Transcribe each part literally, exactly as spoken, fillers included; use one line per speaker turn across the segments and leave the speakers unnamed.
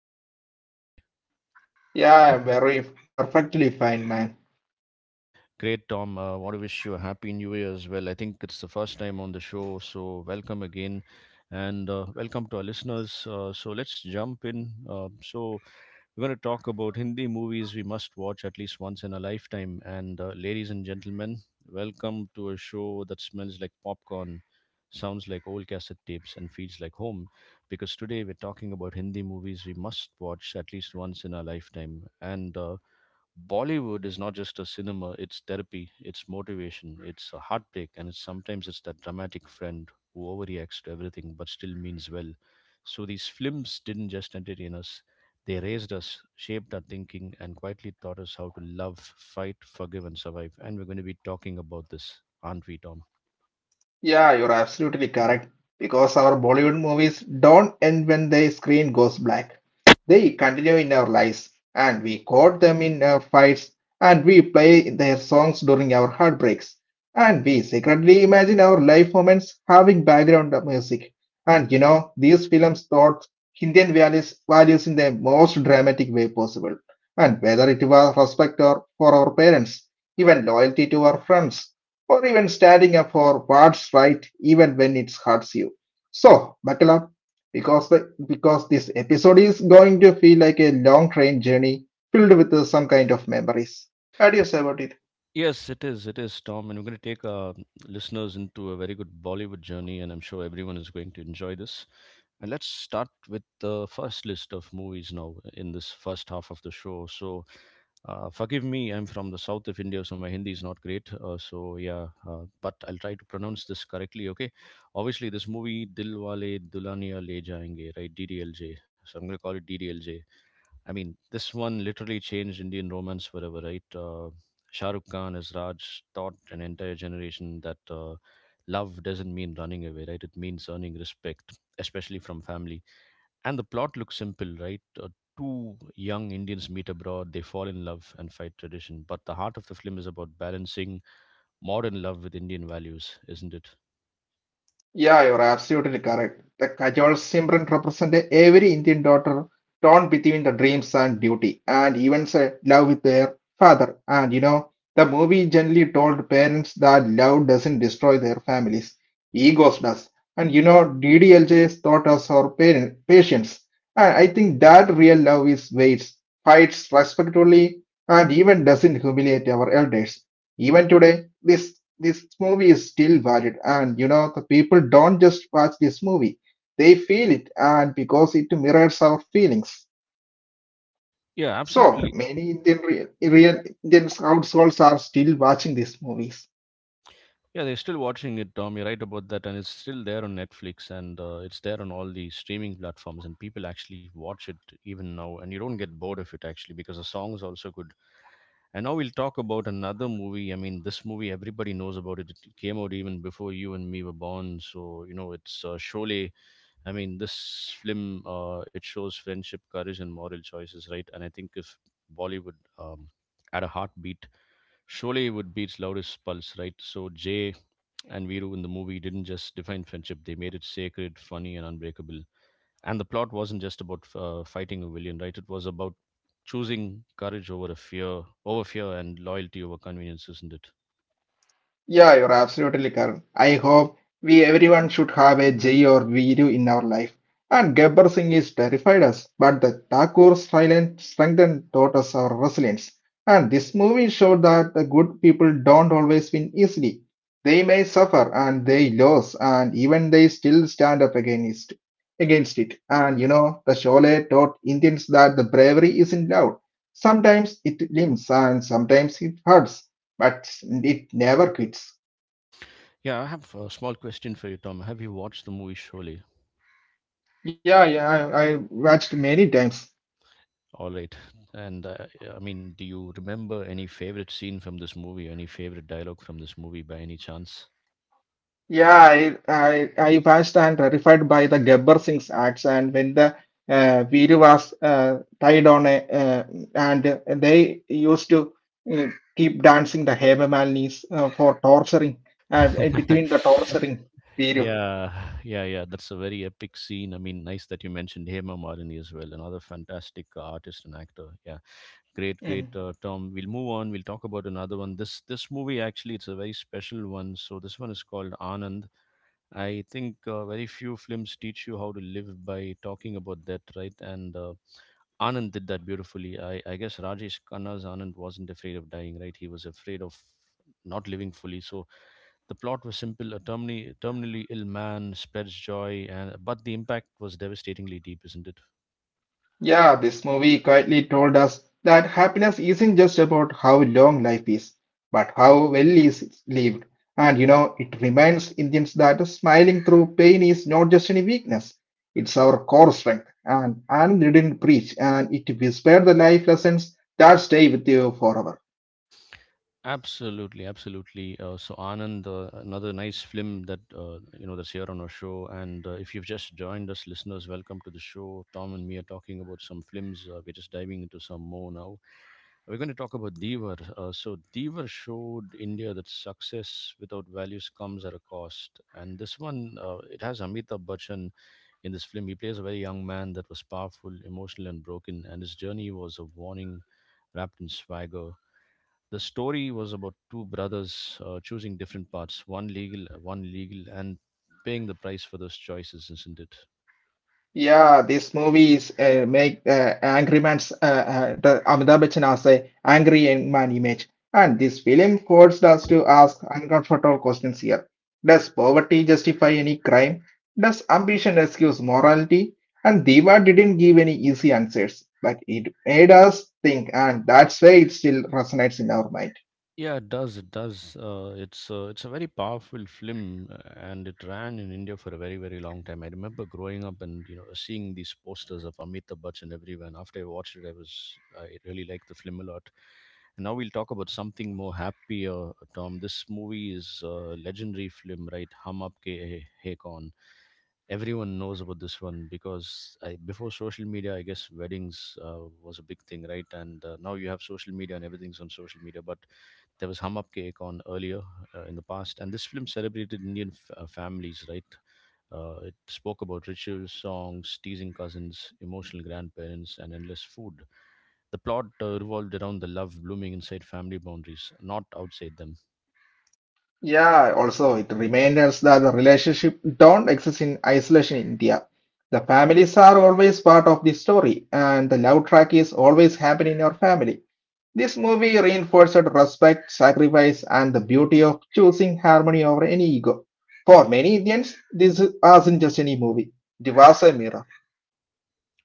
how are you doing today?
Yeah, very Perfectly fine, man.
Great, Tom. I uh, want to wish you a happy new year as well. I think it's the first time on the show, so welcome again and uh, welcome to our listeners. Uh, so, let's jump in. Uh, so, We're going to talk about Hindi movies we must watch at least once in a lifetime. And uh, Ladies and gentlemen, welcome to a show that smells like popcorn, sounds like old cassette tapes, and feels like home. Because today we're talking about Hindi movies we must watch at least once in our lifetime. And uh, Bollywood is not just a cinema, it's therapy, it's motivation, it's a heartbreak, and it's, sometimes it's that dramatic friend who overreacts to everything but still means well. So these films didn't just entertain us, they raised us, shaped our thinking, and quietly taught us how to love, fight, forgive, and survive. And we're going to be talking about this, aren't we, Tom?
Yeah, you're absolutely correct. Because our Bollywood movies don't end when the screen goes black. They continue in our lives, and we quote them in our fights, and we play their songs during our heartbreaks, and we secretly imagine our life moments having background music. And you know, these films taught Indian values, values in the most dramatic way possible. And whether it was respect or for our parents, even loyalty to our friends or even standing up for what's right even when it hurts you. So, buckle up because the, because this episode is going to feel like a long train journey filled with uh, some kind of memories. Adios, everybody.
Yes, it is. It is, Tom. And we're going to take our listeners into a very good Bollywood journey, and I'm sure everyone is going to enjoy this. And let's start with the first list of movies now in this first half of the show. So, uh, forgive me, I'm from the south of India, so my Hindi is not great. Uh, so, yeah, uh, but I'll try to pronounce this correctly, okay? Obviously, this movie, Dilwale Dulhania Le Jayenge, right? D D L J. So, I'm going to call it D D L J. I mean, this one literally changed Indian romance forever, right? Uh, Shah Rukh Khan as Raj taught an entire generation that uh, love doesn't mean running away, right? It means earning respect, especially from family. And the plot looks simple, right? Uh, two young Indians meet abroad, they fall in love and fight tradition. But the heart of the film is about balancing modern love with Indian values, isn't it?
Yeah, you're absolutely correct. The Kajol Simran represent every Indian daughter torn between the dreams and duty, and even say love with their father. And you know, the movie generally told parents that love doesn't destroy their families, egos does. And you know, D D L J's taught us our parent, patience. And I think that real love is waits, fights respectfully, and even doesn't humiliate our elders. Even today, this this movie is still valued, and you know the people don't just watch this movie; they feel it, and because it mirrors our feelings.
Yeah,
So
absolutely.
many Indian real, real Indian households are still watching these movies.
Yeah, they're still watching it, Tom. You're right about that, and it's still there on Netflix, and uh, it's there on all the streaming platforms, and people actually watch it even now, and you don't get bored of it actually because the song is also good. And now we'll talk about another movie. I mean, this movie everybody knows about it. It came out even before you and me were born, so you know it's uh, Sholay. I mean, this film uh, it shows friendship, courage, and moral choices, right? And I think if Bollywood um, had a heartbeat, Sholay would be its loudest pulse, right? So Jay and Viru in the movie didn't just define friendship, they made it sacred, funny, and unbreakable. And the plot wasn't just about uh, fighting a villain, right? It was about choosing courage over a fear, over fear, and loyalty over convenience, isn't it?
Yeah, you're absolutely correct. I hope we everyone should have a Jay or Viru in our life. And Gabbar Singh is terrified us, but the Thakur silent strengthened taught us our resilience. And this movie showed that the good people don't always win easily. They may suffer and they lose, and even they still stand up against against it. And you know, the Sholay taught Indians that the bravery isn't loud. Sometimes it limps and sometimes it hurts but it never quits.
Yeah, I have a small question for you, Tom. Have you watched the movie Surely?
Yeah, yeah, I, I watched many times.
All right. And uh, I mean, do you remember any favorite scene from this movie, any favorite dialogue from this movie by any chance?
Yeah, I, I, I watched and terrified by the Gabbar Singh's acts, and when the uh, Veeru was uh, tied on a, uh, and they used to uh, keep dancing the Hemamalinis uh, for torturing, uh, between the torturing Veeru.
Yeah, yeah, yeah. That's a very epic scene. I mean, nice that you mentioned Hema Marini as well, another fantastic uh, artist and actor. Yeah, great, great, uh, Tom. We'll move on. We'll talk about another one. This this movie actually, it's a very special one. So this one is called Anand. I think uh, very few films teach you how to live by talking about that, right? And uh, Anand did that beautifully. I I guess Rajesh Khanna's Anand wasn't afraid of dying, right? He was afraid of not living fully. So the plot was simple: a terminally, terminally ill man spreads joy, and but the impact was devastatingly deep, isn't it?
Yeah, this movie quietly told us that happiness isn't just about how long life is, but how well is lived. And you know, it reminds Indians that smiling through pain is not just any weakness, it's our core strength. And Anand didn't preach, and it whispered the life lessons that stay with you forever.
Absolutely, absolutely. Uh, so Anand, uh, another nice film that uh, you know that's here on our show. And uh, if you've just joined us, listeners, welcome to the show. Tom and me are talking about some films. Uh, we're just diving into some more now. We're going to talk about Devar. Uh, so Devar showed India that success without values comes at a cost, and this one uh, it has Amitabh Bachchan. In this film, he plays a very young man that was powerful, emotional, and broken, and his journey was a warning wrapped in swagger. The story was about two brothers uh, choosing different paths, one legal, one legal, and paying the price for those choices, isn't it?
Yeah, this movie is uh, make uh, Angry Man's uh, uh, the Amitabh Bachchan as a angry young man image, and this film forced us to ask uncomfortable questions here. Does poverty justify any crime? Does ambition excuse morality? And Diva didn't give any easy answers, but it made us think, and that's why it still resonates in our mind.
Yeah, it does. It does. Uh, it's uh, it's a very powerful film, uh, and it ran in India for a very very long time. I remember growing up and you know seeing these posters of Amitabh Bachchan everywhere. And after I watched it, I was I really liked the film a lot. And now we'll talk about something more happier, Tom. This movie is a legendary film, right? Hum Aapke Hai Hai Kaun. Everyone knows about this one because I, before social media, I guess weddings uh, was a big thing, right? And uh, Now you have social media and everything's on social media, but there was Hum Up Cake on earlier uh, in the past, and this film celebrated Indian f- uh, families, right? Uh, it spoke about rituals, songs, teasing cousins, emotional grandparents, and endless food. The plot uh, revolved around the love blooming inside family boundaries, not outside them.
Yeah, also it reminds us that the relationship don't exist in isolation in India. The families are always part of the story, and the love track is always happening in your family. This movie reinforced respect, sacrifice, and the beauty of choosing harmony over any ego. For many Indians, this wasn't just any movie; it was a mirror.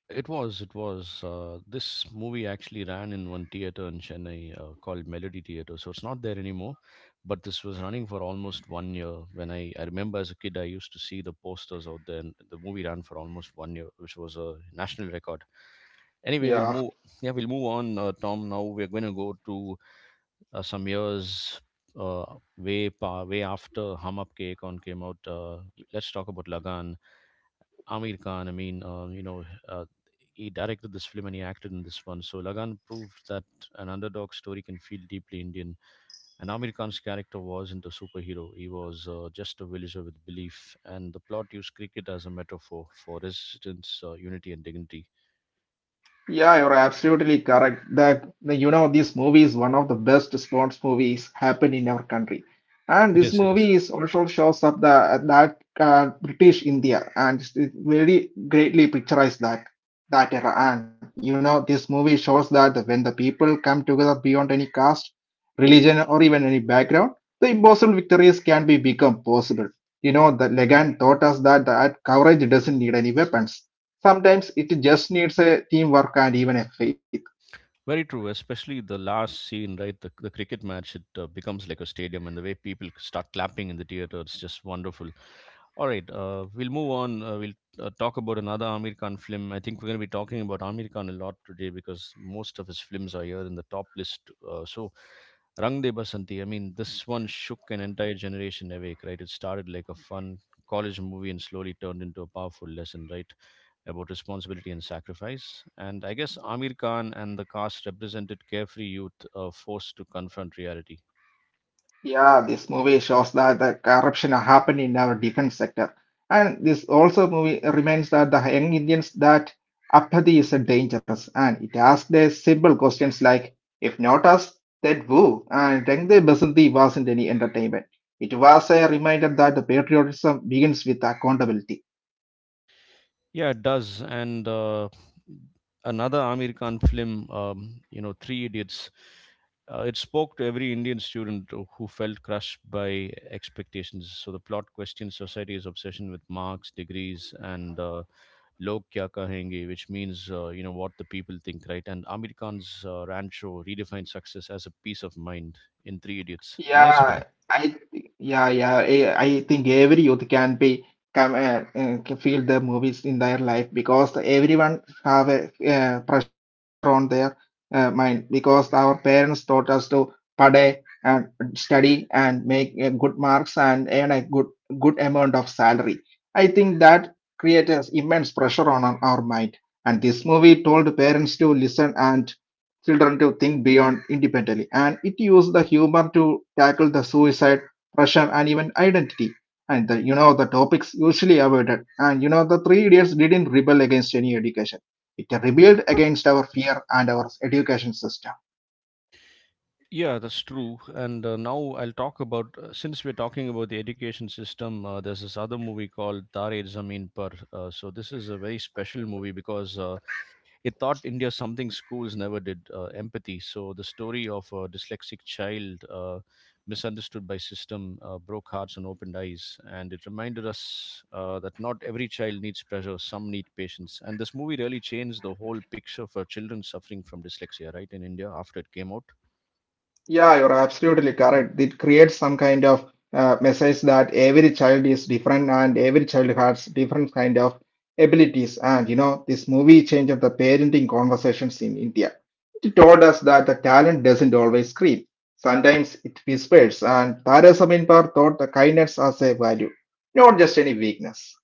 It was, it was. Uh, this movie actually ran in one theater in Chennai uh, called Melody Theater. So it's not there anymore, but this was running for almost one year. When I, I remember as a kid, I used to see the posters out there, and the movie ran for almost one year, which was a national record. Anyway, we'll move.
Yeah.
Yeah, we'll move on, uh, Tom. Now we're going to go to uh, some years uh, way pa- way after Hum Up K Kaun came out. Uh, let's talk about Lagan. Amir Khan. I mean, uh, you know, uh, he directed this film and he acted in this one. So Lagan proved that an underdog story can feel deeply Indian. And Amir Khan's character wasn't a superhero; he was uh, just a villager with belief. And the plot used cricket as a metaphor for resistance, uh, unity, and dignity.
Yeah, you're absolutely correct. That the, you know this movie is one of the best sports movies happened in our country, and
It
this
is. It is.
movie is also shows up the that uh, British India and it very greatly picturize that that era. And you know this movie shows that when the people come together beyond any caste, religion, or even any background, the impossible victories can be become possible. You know the Legan taught us that that courage doesn't need any weapons. Sometimes it just needs a teamwork and even a faith.
Very true, especially the last scene, right? The, the cricket match, it uh, becomes like a stadium, and the way people start clapping in the theater, it's just wonderful. All right, uh, we'll move on. Uh, we'll uh, talk about another Amir Khan film. I think we're going to be talking about Amir Khan a lot today because most of his films are here in the top list. Uh, so, Rang De Basanti, I mean, this one shook an entire generation awake, right? It started like a fun college movie and slowly turned into a powerful lesson, right? About responsibility and sacrifice. And I guess Amir Khan and the cast represented carefree youth uh, forced to confront reality.
Yeah, this movie shows that the corruption happened in our defense sector. And this also movie reminds that the young Indians that apathy is dangerous and it asks the simple questions like if not us, then who? And Rangde Basanti wasn't any entertainment. It was a reminder that the patriotism begins with accountability.
Yeah, it does. And uh, Another Amir Khan film, um, you know, Three Idiots. Uh, it spoke to every Indian student who felt crushed by expectations. So the plot questions society's obsession with marks, degrees, and uh, log kya kahenge, which means uh, you know what the people think, right? And Amir Khan's uh, Rancho redefined success as a peace of mind in Three Idiots. A nice
Yeah,
film.
I yeah yeah I, I think every youth can be come uh, uh, can feel the movies in their life because everyone have a uh, pressure on their uh, mind because our parents taught us to study and study and make uh, good marks and earn a good good amount of salary. I think that creates immense pressure on, on our mind. And this movie told parents to listen and children to think beyond independently. And it used the humor to tackle the suicide, pressure, and even identity. And the, you know the topics usually avoided. And you know the three idiots didn't rebel against any education. It rebelled against our fear and our education system.
Yeah, that's true. And uh, Now I'll talk about uh, since we're talking about the education system. Uh, there's this other movie called Tare Zameen Par. Uh, so this is a very special movie because uh, it taught India something schools never did, uh, empathy. So, the story of a dyslexic child uh, misunderstood by system uh, broke hearts and opened eyes. And it reminded us uh, that not every child needs pressure, some need patience. And this movie really changed the whole picture for children suffering from dyslexia, right, in India after it came out.
Yeah, you're absolutely correct. It creates some kind of uh, message that every child is different and every child has different kind of abilities. And you know, this movie changed the parenting conversations in India. It told us that the talent doesn't always scream. Sometimes it whispers, and Tara Saminpar taught the kindness as a value, not just any weakness.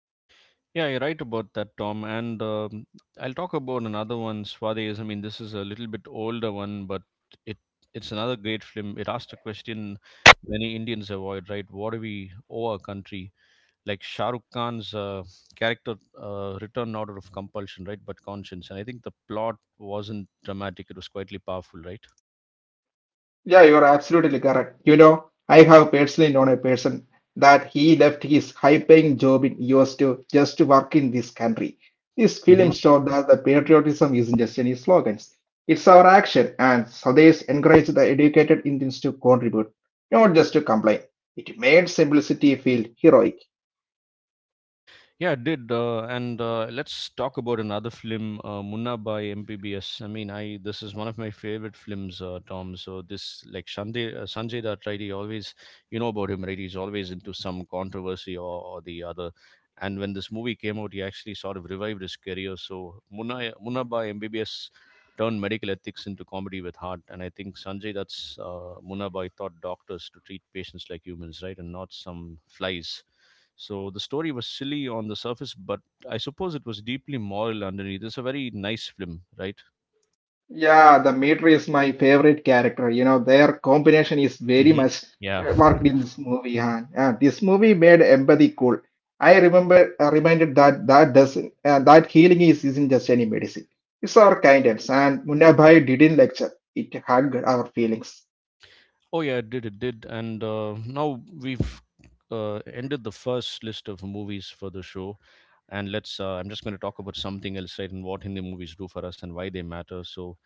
Yeah, you're right about that, Tom. And um, I'll talk about another one, Swades. I mean, this is a little bit older one, but it it's another great film. It asked a question many Indians avoid, right? What do we owe our country? Like Shah Rukh Khan's uh, character uh, returned out of compulsion, right? But conscience. And I think the plot wasn't dramatic. It was quietly powerful, right?
Yeah, you're absolutely correct. You know, I have personally known a person that he left his high-paying job in U S to just to work in this country. This film showed that the patriotism isn't just any slogans. It's our action, and Sades encouraged the educated Indians to contribute, not just to complain. It made simplicity feel heroic.
Yeah, it did. Uh, and uh, Let's talk about another film, uh, Munna by M P B S. I mean, I this is one of my favorite films, uh, Tom. So this, like Shandy, uh, Sanjay Dutt, right? He always, you know about him, right? He's always into some controversy or, or the other. And when this movie came out, he actually sort of revived his career. So Munna, Munna by M B B S turned medical ethics into comedy with heart. And I think Sanjay Dutt's uh, Munna Bhai taught doctors to treat patients like humans, right? And not some flies, so the story was silly on the surface, but I suppose it was deeply moral underneath. It's a very nice film, right?
Yeah, the meter is my favorite character. You know, their combination is very
Hmm.
much
Yeah.
uh, worked in this movie. Huh? Yeah, this movie made empathy cool. I remember uh, reminded that that doesn't uh, that healing is isn't just any medicine. It's our kindness, and Munabhai didn't lecture. It hugged our feelings.
Oh yeah, it did. It did. And uh, now we've uh, ended the first list of movies for the show, and let's. Uh, I'm just going to talk about something else, right? And what Hindi movies do for us and why they matter. So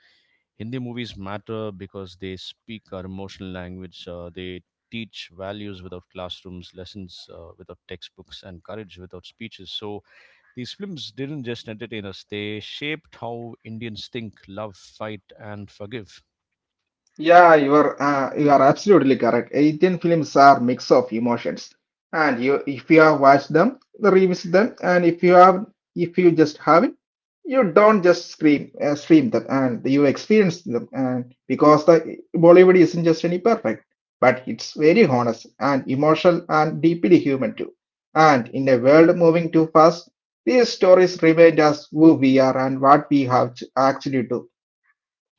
Hindi movies matter because they speak our emotional language. Uh, they teach values without classrooms, lessons uh, without textbooks, and courage without speeches. So these films didn't just entertain us, they shaped how Indians think, love, fight, and forgive.
Yeah, you are uh, you are absolutely correct. Indian films are mix of emotions, and you if you have watched them, revisit them, and if you have if you just haven't, you don't just scream uh, stream them, and you experience them, and because the Bollywood isn't just any perfect, but it's very honest and emotional and deeply human too. And in a world moving too fast, these stories remind us who we are and what we have to actually do.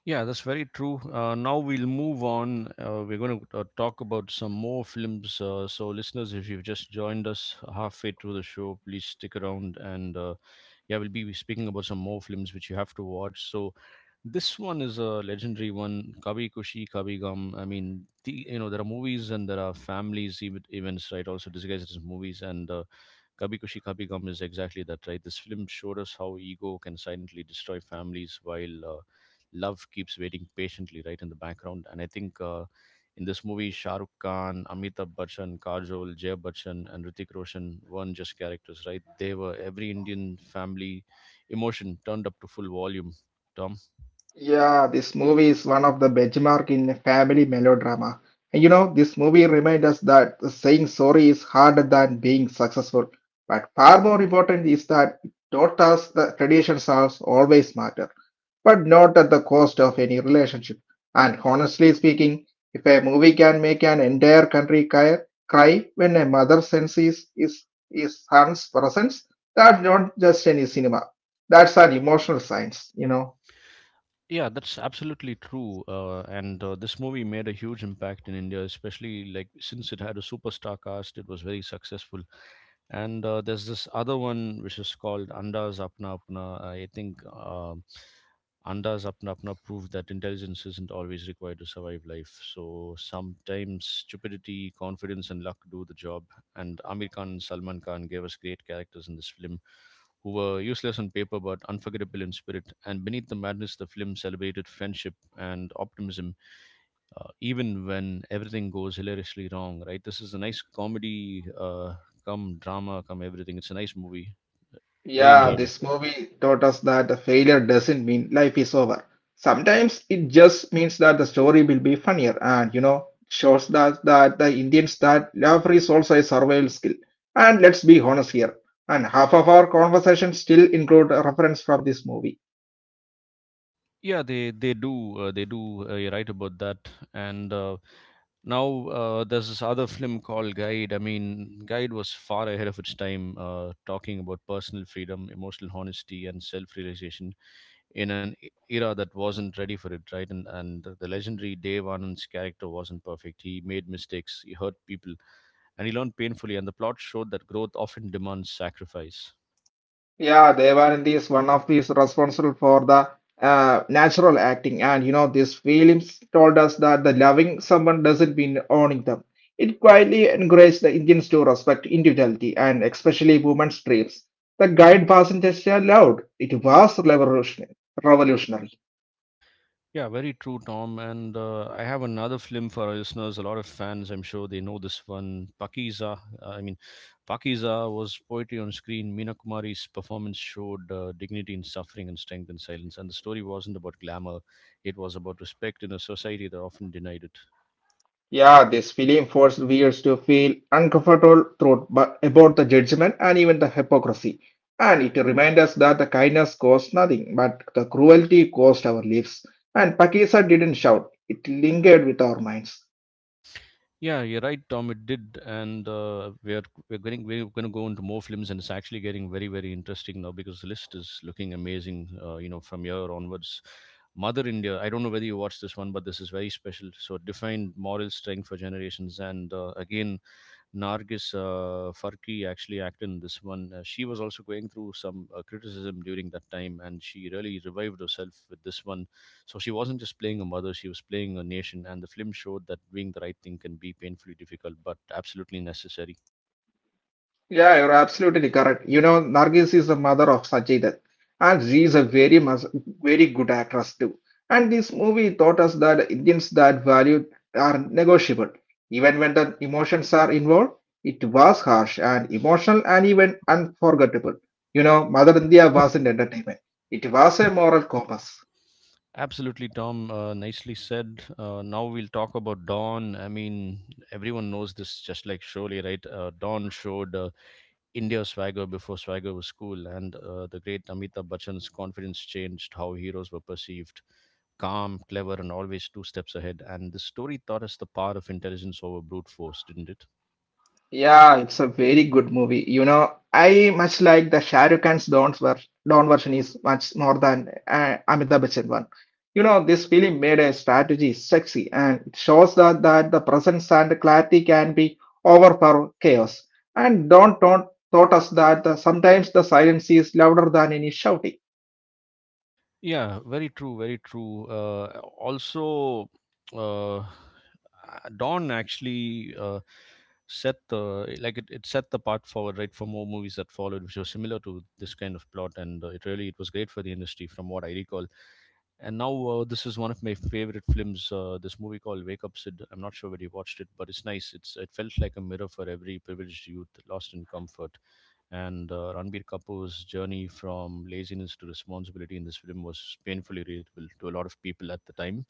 Yeah, that's very true. Uh, now we'll move on. Uh, we're going to uh, talk about some more films. Uh, so, listeners, if you've just joined us halfway through the show, please stick around and uh, yeah, we'll be speaking about some more films which you have to watch. So this one is a legendary one, Kabhi Kushi Kabi Gum. I mean, the, you know, there are movies and there are families ev- events, right, also disguised as movies, and uh, Kabi Kushi Kabi Gum is exactly that, right? This film showed us how ego can silently destroy families while uh, love keeps waiting patiently, right, in the background. And I think uh, in this movie, Shah Rukh Khan, Amitabh Bachchan, Kajol, Jay Bachchan, and Ritik Roshan weren't just characters, right? They were every Indian family emotion turned up to full volume. Tom?
Yeah, this movie is one of the benchmark in family melodrama. And you know, this movie reminds us that saying sorry is harder than being successful. But far more important is that it taught us the traditions are always matter, but not at the cost of any relationship. And honestly speaking, if a movie can make an entire country cry, cry when a mother senses his, his son's presence, that's not just any cinema. That's an emotional science, you know.
Yeah, that's absolutely true. Uh, and uh, this movie made a huge impact in India, especially like since it had a superstar cast, it was very successful. And uh, there's this other one which is called Anda's Apna Apna. I think um Anda's Apna Apna proved that intelligence isn't always required to survive life. So sometimes stupidity, confidence, and luck do the job. And Amir Khan and Salman Khan gave us great characters in this film who were useless on paper but unforgettable in spirit. And beneath the madness, the film celebrated friendship and optimism, uh, even when everything goes hilariously wrong, right? This is a nice comedy, uh, come drama come everything. It's a nice movie, very
Yeah,
enjoyable.
this movie taught us that the failure doesn't mean life is over. Sometimes it just means that the story will be funnier and you know shows that that the Indians that laughter is also a survival skill. And let's be honest here, and half of our conversations still include a reference from this movie.
Yeah, they they do, uh, they do. Uh, you're right about that. And uh, now uh, there's this other film called Guide. I mean, Guide was far ahead of its time, uh, talking about personal freedom, emotional honesty, and self-realization in an e- era that wasn't ready for it, right? And and the legendary Dave Anand's character wasn't perfect. He made mistakes, he hurt people, and he learned painfully, and the plot showed that growth often demands sacrifice.
Yeah, Devanandi is one of these responsible for the uh, natural acting, and you know these films told us that the loving someone doesn't mean owning them. It quietly encouraged the Indians to respect individuality and especially women's dreams. The guide passengers allowed. It was revolutionary. Revolutionary.
Yeah, very true, Tom. And uh, I have another film for our listeners. A lot of fans, I'm sure, they know this one. Pakiza. Uh, I mean, Pakiza was poetry on screen. Meena Kumari's performance showed uh, dignity in suffering and strength in silence. And the story wasn't about glamour; it was about respect in a society that often denied it.
Yeah, this film forced viewers to feel uncomfortable through, but about the judgment and even the hypocrisy. And it reminds us that the kindness costs nothing, but the cruelty cost our lives. And Pakisa didn't shout, it lingered with our minds.
Yeah, you're right, Tom. It did, and uh, we're we're going we're going to go into more films, and it's actually getting very very interesting now because the list is looking amazing. Uh, you know, from here onwards, Mother India. I don't know whether you watched this one, but this is very special. So, it defined moral strength for generations, and uh, again, Nargis uh, Farki actually acted in this one. Uh, she was also going through some uh, criticism during that time, and she really revived herself with this one. So she wasn't just playing a mother; she was playing a nation. And the film showed that doing the right thing can be painfully difficult, but absolutely necessary.
Yeah, you're absolutely correct. You know, Nargis is the mother of Sajidan, and she is a very much very good actress too. And this movie taught us that Indians that value are negotiable, even when the emotions are involved. It was harsh and emotional and even unforgettable. You know, Mother India wasn't entertainment; it was a moral compass.
Absolutely, Tom. Uh, nicely said. Uh, now we'll talk about Dawn. I mean, everyone knows this, just like Surely, right? Uh, Dawn showed, Uh, India swagger before swagger was cool, and uh, the great Amitabh Bachchan's confidence changed how heroes were perceived. Calm, clever, and always two steps ahead. And the story taught us the power of intelligence over brute force, didn't it?
Yeah, it's a very good movie. You know, I much like the Shah Rukh Khan's Don, ver Don version is much more than uh, Amitabh Bachchan one. You know, this film made a strategy sexy and it shows that, that the presence and clarity can be overpower chaos. And Don don't taught us that the, sometimes the silence is louder than any shouting.
Yeah, very true, very true. Uh, also, uh, uh, Dawn actually uh, set the, like it, it set the path forward, right, for more movies that followed, which was similar to this kind of plot, and uh, it really it was great for the industry, from what I recall. And now uh, this is one of my favorite films. Uh, this movie called Wake Up Sid. I'm not sure whether you watched it, but it's nice. It's, it felt like a mirror for every privileged youth lost in comfort. And uh, Ranbir Kapoor's journey from laziness to responsibility in this film was painfully relatable to a lot of people at the time.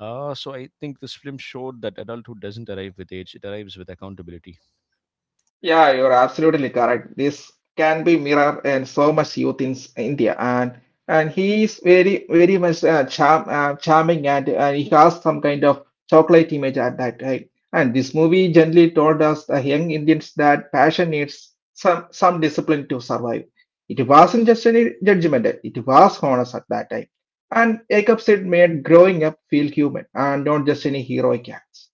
Uh, so I think this film showed that adulthood doesn't arrive with age; it arrives with accountability.
Yeah, you're absolutely correct. This can be mirror in so much youth in s- India, and and he is very very much uh, charm uh, charming, and uh, he has some kind of chocolate image at that time. And this movie generally told us the young Indians that passion needs some some discipline to survive. It wasn't just any judgment; it was honest at that time. And Jacob Sid made growing up feel human and not just any heroic acts.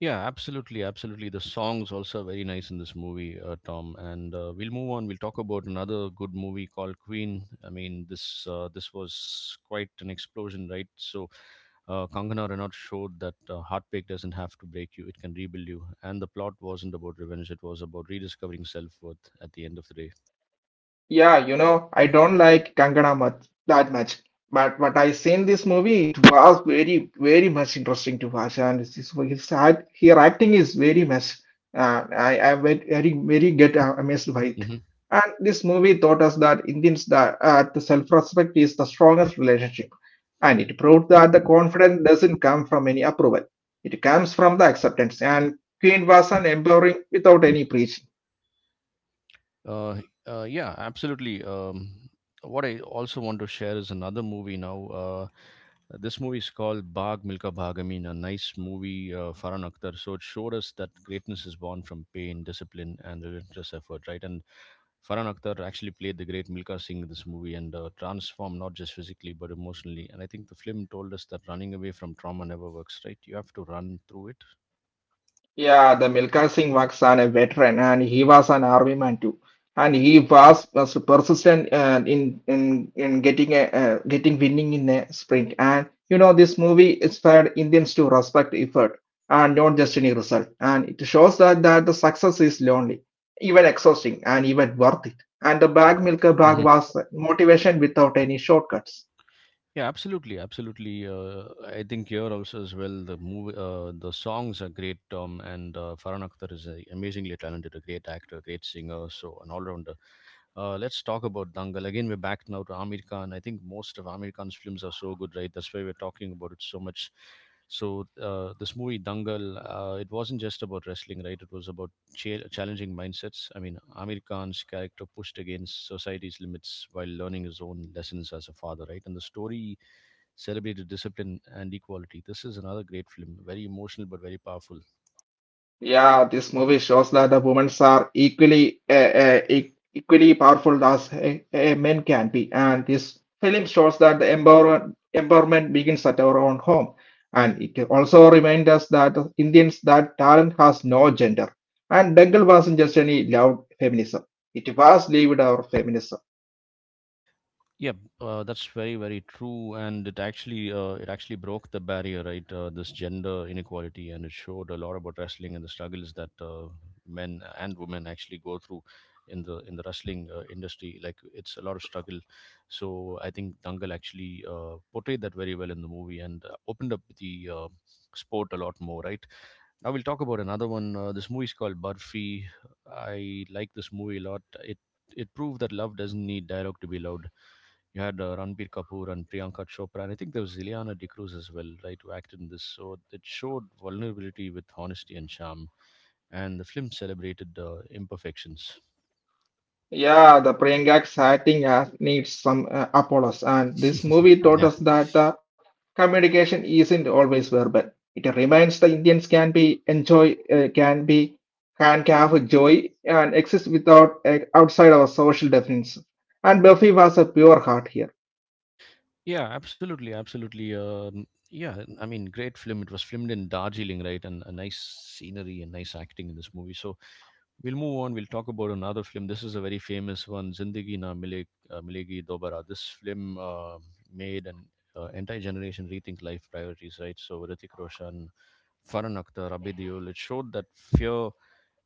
Yeah, absolutely, absolutely. The songs also are very nice in this movie, uh, Tom. And uh, we'll move on. We'll talk about another good movie called Queen. I mean, this uh, this was quite an explosion, right? So, uh, Kangana Ranaut showed that uh, heartbreak doesn't have to break you; it can rebuild you. And the plot wasn't about revenge; it was about rediscovering self worth at the end of the day.
Yeah, you know, I don't like Kangana much that much, but but I seen this movie. It was very very much interesting to watch, and his his, his act- her acting is very much. Uh, I I very very very get uh, amazed by it.
Mm-hmm.
And this movie taught us that Indians that uh, the self-respect is the strongest relationship, and it proved that the confidence doesn't come from any approval. It comes from the acceptance. And Queen was an empowering without any preach.
Uh, uh, yeah, absolutely. Um, what I also want to share is another movie now. Uh, this movie is called Bag Milka Bhag. I mean, a nice movie, uh, Farhan Akhtar. So it showed us that greatness is born from pain, discipline, and relentless effort, right? And Farhan Akhtar actually played the great Milka Singh in this movie and uh, transformed not just physically but emotionally. And I think the film told us that running away from trauma never works, right? You have to run through it.
Yeah, the Milkha Singh was an, a veteran and he was an army man too. And he was, was persistent uh, in, in in getting a, uh, getting winning in a sprint. And you know, this movie inspired Indians to respect effort and not just any result. And it shows that, that the success is lonely, even exhausting, and even worth it. And the bag milker bag was motivation without any shortcuts.
Yeah, absolutely, absolutely. Uh, I think here also as well the movie, uh, the songs are great. Tom, and uh, Farhan Akhtar is a amazingly talented, a great actor, a great singer, so an all-rounder. Uh, let's talk about Dangal again. We're back now to Amir Khan. I think most of Amir Khan's films are so good, right? That's why we're talking about it so much. So uh, this movie Dangal, uh, it wasn't just about wrestling, right? It was about chal- challenging mindsets. I mean, Amir Khan's character pushed against society's limits while learning his own lessons as a father, right? And the story celebrated discipline and equality. This is another great film, very emotional but very powerful.
Yeah, this movie shows that the women are equally uh, uh, e- equally powerful as uh, uh, men can be, and this film shows that the empowerment empowerment begins at our own home, and it also reminds us that Indians that talent has no gender, and Dangal wasn't just any loud feminism; it was lived our feminism.
Yeah, uh, that's very, very true, and it actually uh, it actually broke the barrier, right? Uh, this gender inequality, and it showed a lot about wrestling and the struggles that uh, men and women actually go through in the in the wrestling uh, industry. Like it's a lot of struggle, so I think Dangal actually uh, portrayed that very well in the movie and uh, opened up the uh, sport a lot more, right? Now we'll talk about another one. Uh, this movie is called Barfi. I like this movie a lot. It it proved that love doesn't need dialogue to be loud. You had uh, Ranbir Kapoor and Priyanka Chopra, and I think there was Ileana De Cruz as well, right, who acted in this. So it showed vulnerability with honesty and charm, and the film celebrated uh, imperfections.
Yeah, the Priyanka's acting has needs some uh, Apollos, and this movie taught us that the communication isn't always verbal. It reminds the Indians can be enjoy uh, can be can have joy and exist without uh, outside our social definitions. And Buffy was a pure heart here.
Yeah, absolutely, absolutely. Um, yeah, I mean, great film. It was filmed in Darjeeling, right? And a nice scenery and nice acting in this movie. So we'll move on. We'll talk about another film. This is a very famous one, Zindagi Na Mile, uh, Milegi Dobara. This film uh, made an uh, entire generation rethink life priorities, right? So Hrithik Roshan, Farhan Akhtar, Abhay Deol. It showed that fear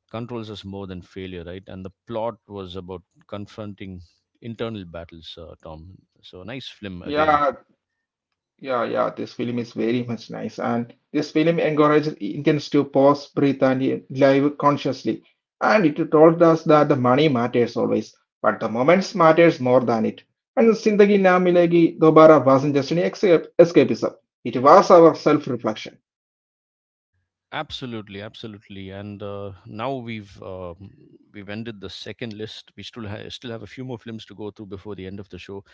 controls us more than failure, right? And the plot was about confronting internal battles, uh, Tom. So a nice film again.
Yeah, Yeah, yeah, this film is very much nice, and this film encourages Indians to pause, breathe, and live consciously. And it told us that the money matters always, but the moments matters more than it. And Zindagi Na Milegi Dobara wasn't just an escape, escapism; it was our self-reflection.
Absolutely, absolutely. And uh, now we've um, we've ended the second list. We still ha- still have a few more films to go through before the end of the show.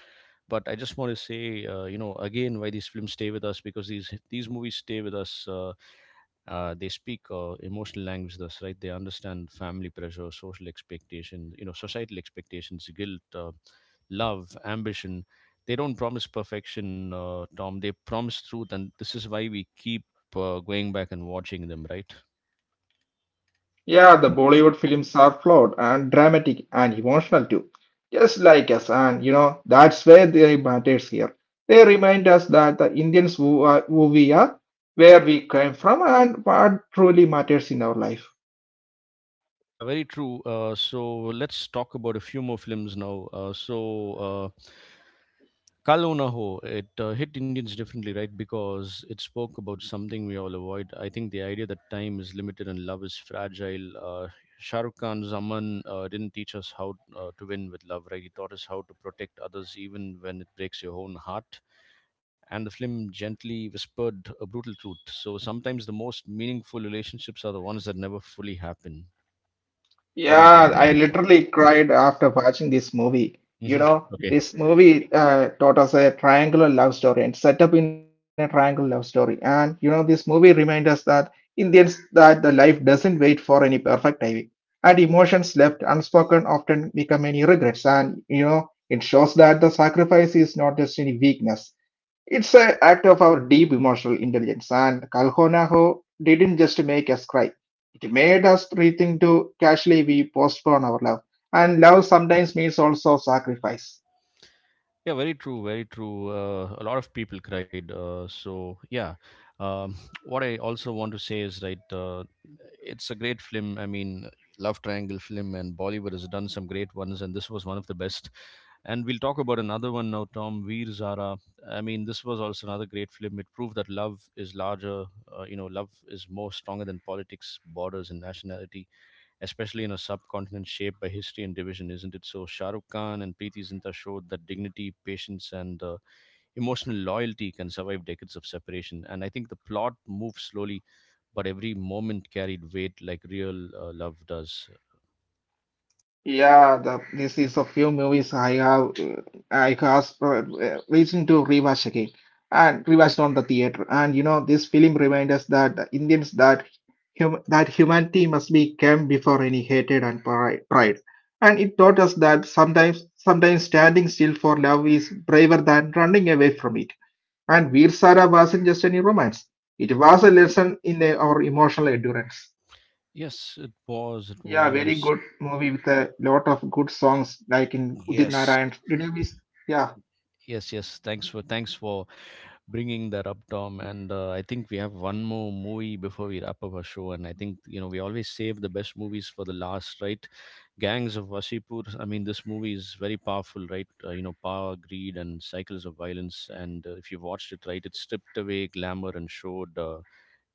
But I just want to say, uh, you know, again, why these films stay with us, because these these movies stay with us. Uh, uh, they speak uh, emotional language thus, right? They understand family pressure, social expectations, you know, societal expectations, guilt, uh, love, ambition. They don't promise perfection, uh, Tom, they promise truth, and this is why we keep uh, going back and watching them, right?
Yeah, the Bollywood films are flawed and dramatic and emotional too, just like us. And you know, that's where they matters here. They remind us that the Indians who, are, who we are, where we came from, and what truly matters in our life.
Yeah, very true. Uh, so let's talk about a few more films now. uh, so uh, Kal O Na Ho, it uh, hit Indians differently, right? Because it spoke about something we all avoid. I think the idea that time is limited and love is fragile. Uh, Shah Rukh Khan's Aman uh, didn't teach us how uh, to win with love, right? He taught us how to protect others even when it breaks your own heart. And the film gently whispered a brutal truth. So sometimes the most meaningful relationships are the ones that never fully happen. What do you think?
Yeah, I literally cried after watching this movie. You
Hmm.
know,
Okay.
this movie uh, taught us a triangular love story and set up in a triangular love story. And you know, this movie reminds us that Indians that the life doesn't wait for any perfect timing, and emotions left unspoken often become any regrets. And you know, it shows that the sacrifice is not just any weakness. It's an act of our deep emotional intelligence, and Kalhonaho didn't just make us cry. It made us rethink to casually we postpone our love. And love sometimes means also sacrifice.
Yeah, very true, very true. Uh, a lot of people cried. Uh, so yeah, um, what I also want to say is right. Uh, it's a great film. I mean, love triangle film, and Bollywood has done some great ones, and this was one of the best. And we'll talk about another one now, Tom. Veer Zara. I mean, this was also another great film. It proved that love is larger. Uh, you know, love is more stronger than politics, borders, and nationality, especially in a subcontinent shaped by history and division, isn't it? So Shah Rukh Khan and Preeti Zinta showed that dignity, patience, and uh, emotional loyalty can survive decades of separation. And I think the plot moved slowly, but every moment carried weight like real uh, love does.
Yeah, the, this is a few movies I have uh, I was uh, uh, reaching to rewatch again and rewatched on the theater. And you know, this film reminds us that the Indians that hum that humanity must be came before any hatred and pri- pride. And it taught us that sometimes sometimes standing still for love is braver than running away from it. And Veer Sara wasn't just any romance; it was a lesson in uh, our emotional endurance.
Yes, it was. It
Yeah, very
was.
good movie with a lot of good songs, like in Udit
Yes.
Narayan. Did you miss? Yeah,
Yes, yes. Thanks for thanks for bringing that up, Tom. And uh, I think we have one more movie before we wrap up our show. And I think, you know, we always save the best movies for the last, right? Gangs of Wasipur. I mean, this movie is very powerful, right? Uh, you know, power, greed, and cycles of violence. And uh, if you've watched it, right, it stripped away glamour and showed uh,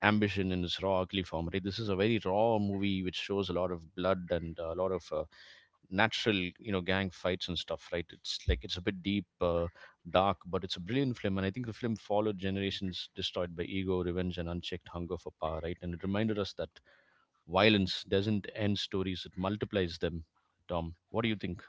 ambition in its raw, ugly form, right? This is a very raw movie which shows a lot of blood and uh, a lot of uh, natural, you know, gang fights and stuff, right? It's like it's a bit deep, uh, dark, but it's a brilliant film. And I think the film followed generations destroyed by ego, revenge, and unchecked hunger for power, right? And it reminded us that violence doesn't end stories, it multiplies them. Tom, what do you think?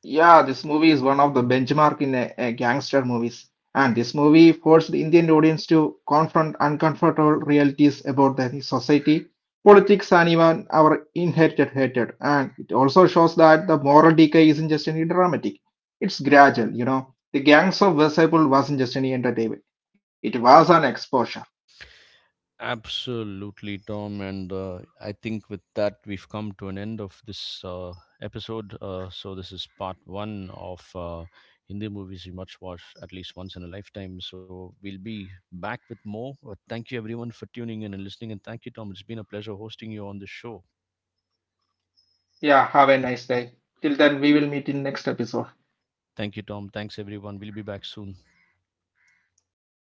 yeah. This movie is one of the benchmark in a, a gangster movies, and this movie forced the Indian audience to confront uncomfortable realities about the society, politics, and even our inherited hatred. And it also shows that the moral decay isn't just any dramatic; it's gradual. You know, the Gangs of Wasseypur wasn't just any entertainment; it was an exposure.
Absolutely, Tom. And uh, I think with that, we've come to an end of this uh, episode. Uh, so, this is part one of uh, Hindi movies we must watch at least once in a lifetime. So, we'll be back with more. But thank you, everyone, for tuning in and listening. And thank you, Tom. It's been a pleasure hosting you on this show.
Yeah, have a nice day. Till then, we will meet in next episode.
Thank you, Tom. Thanks, everyone. We'll be back soon.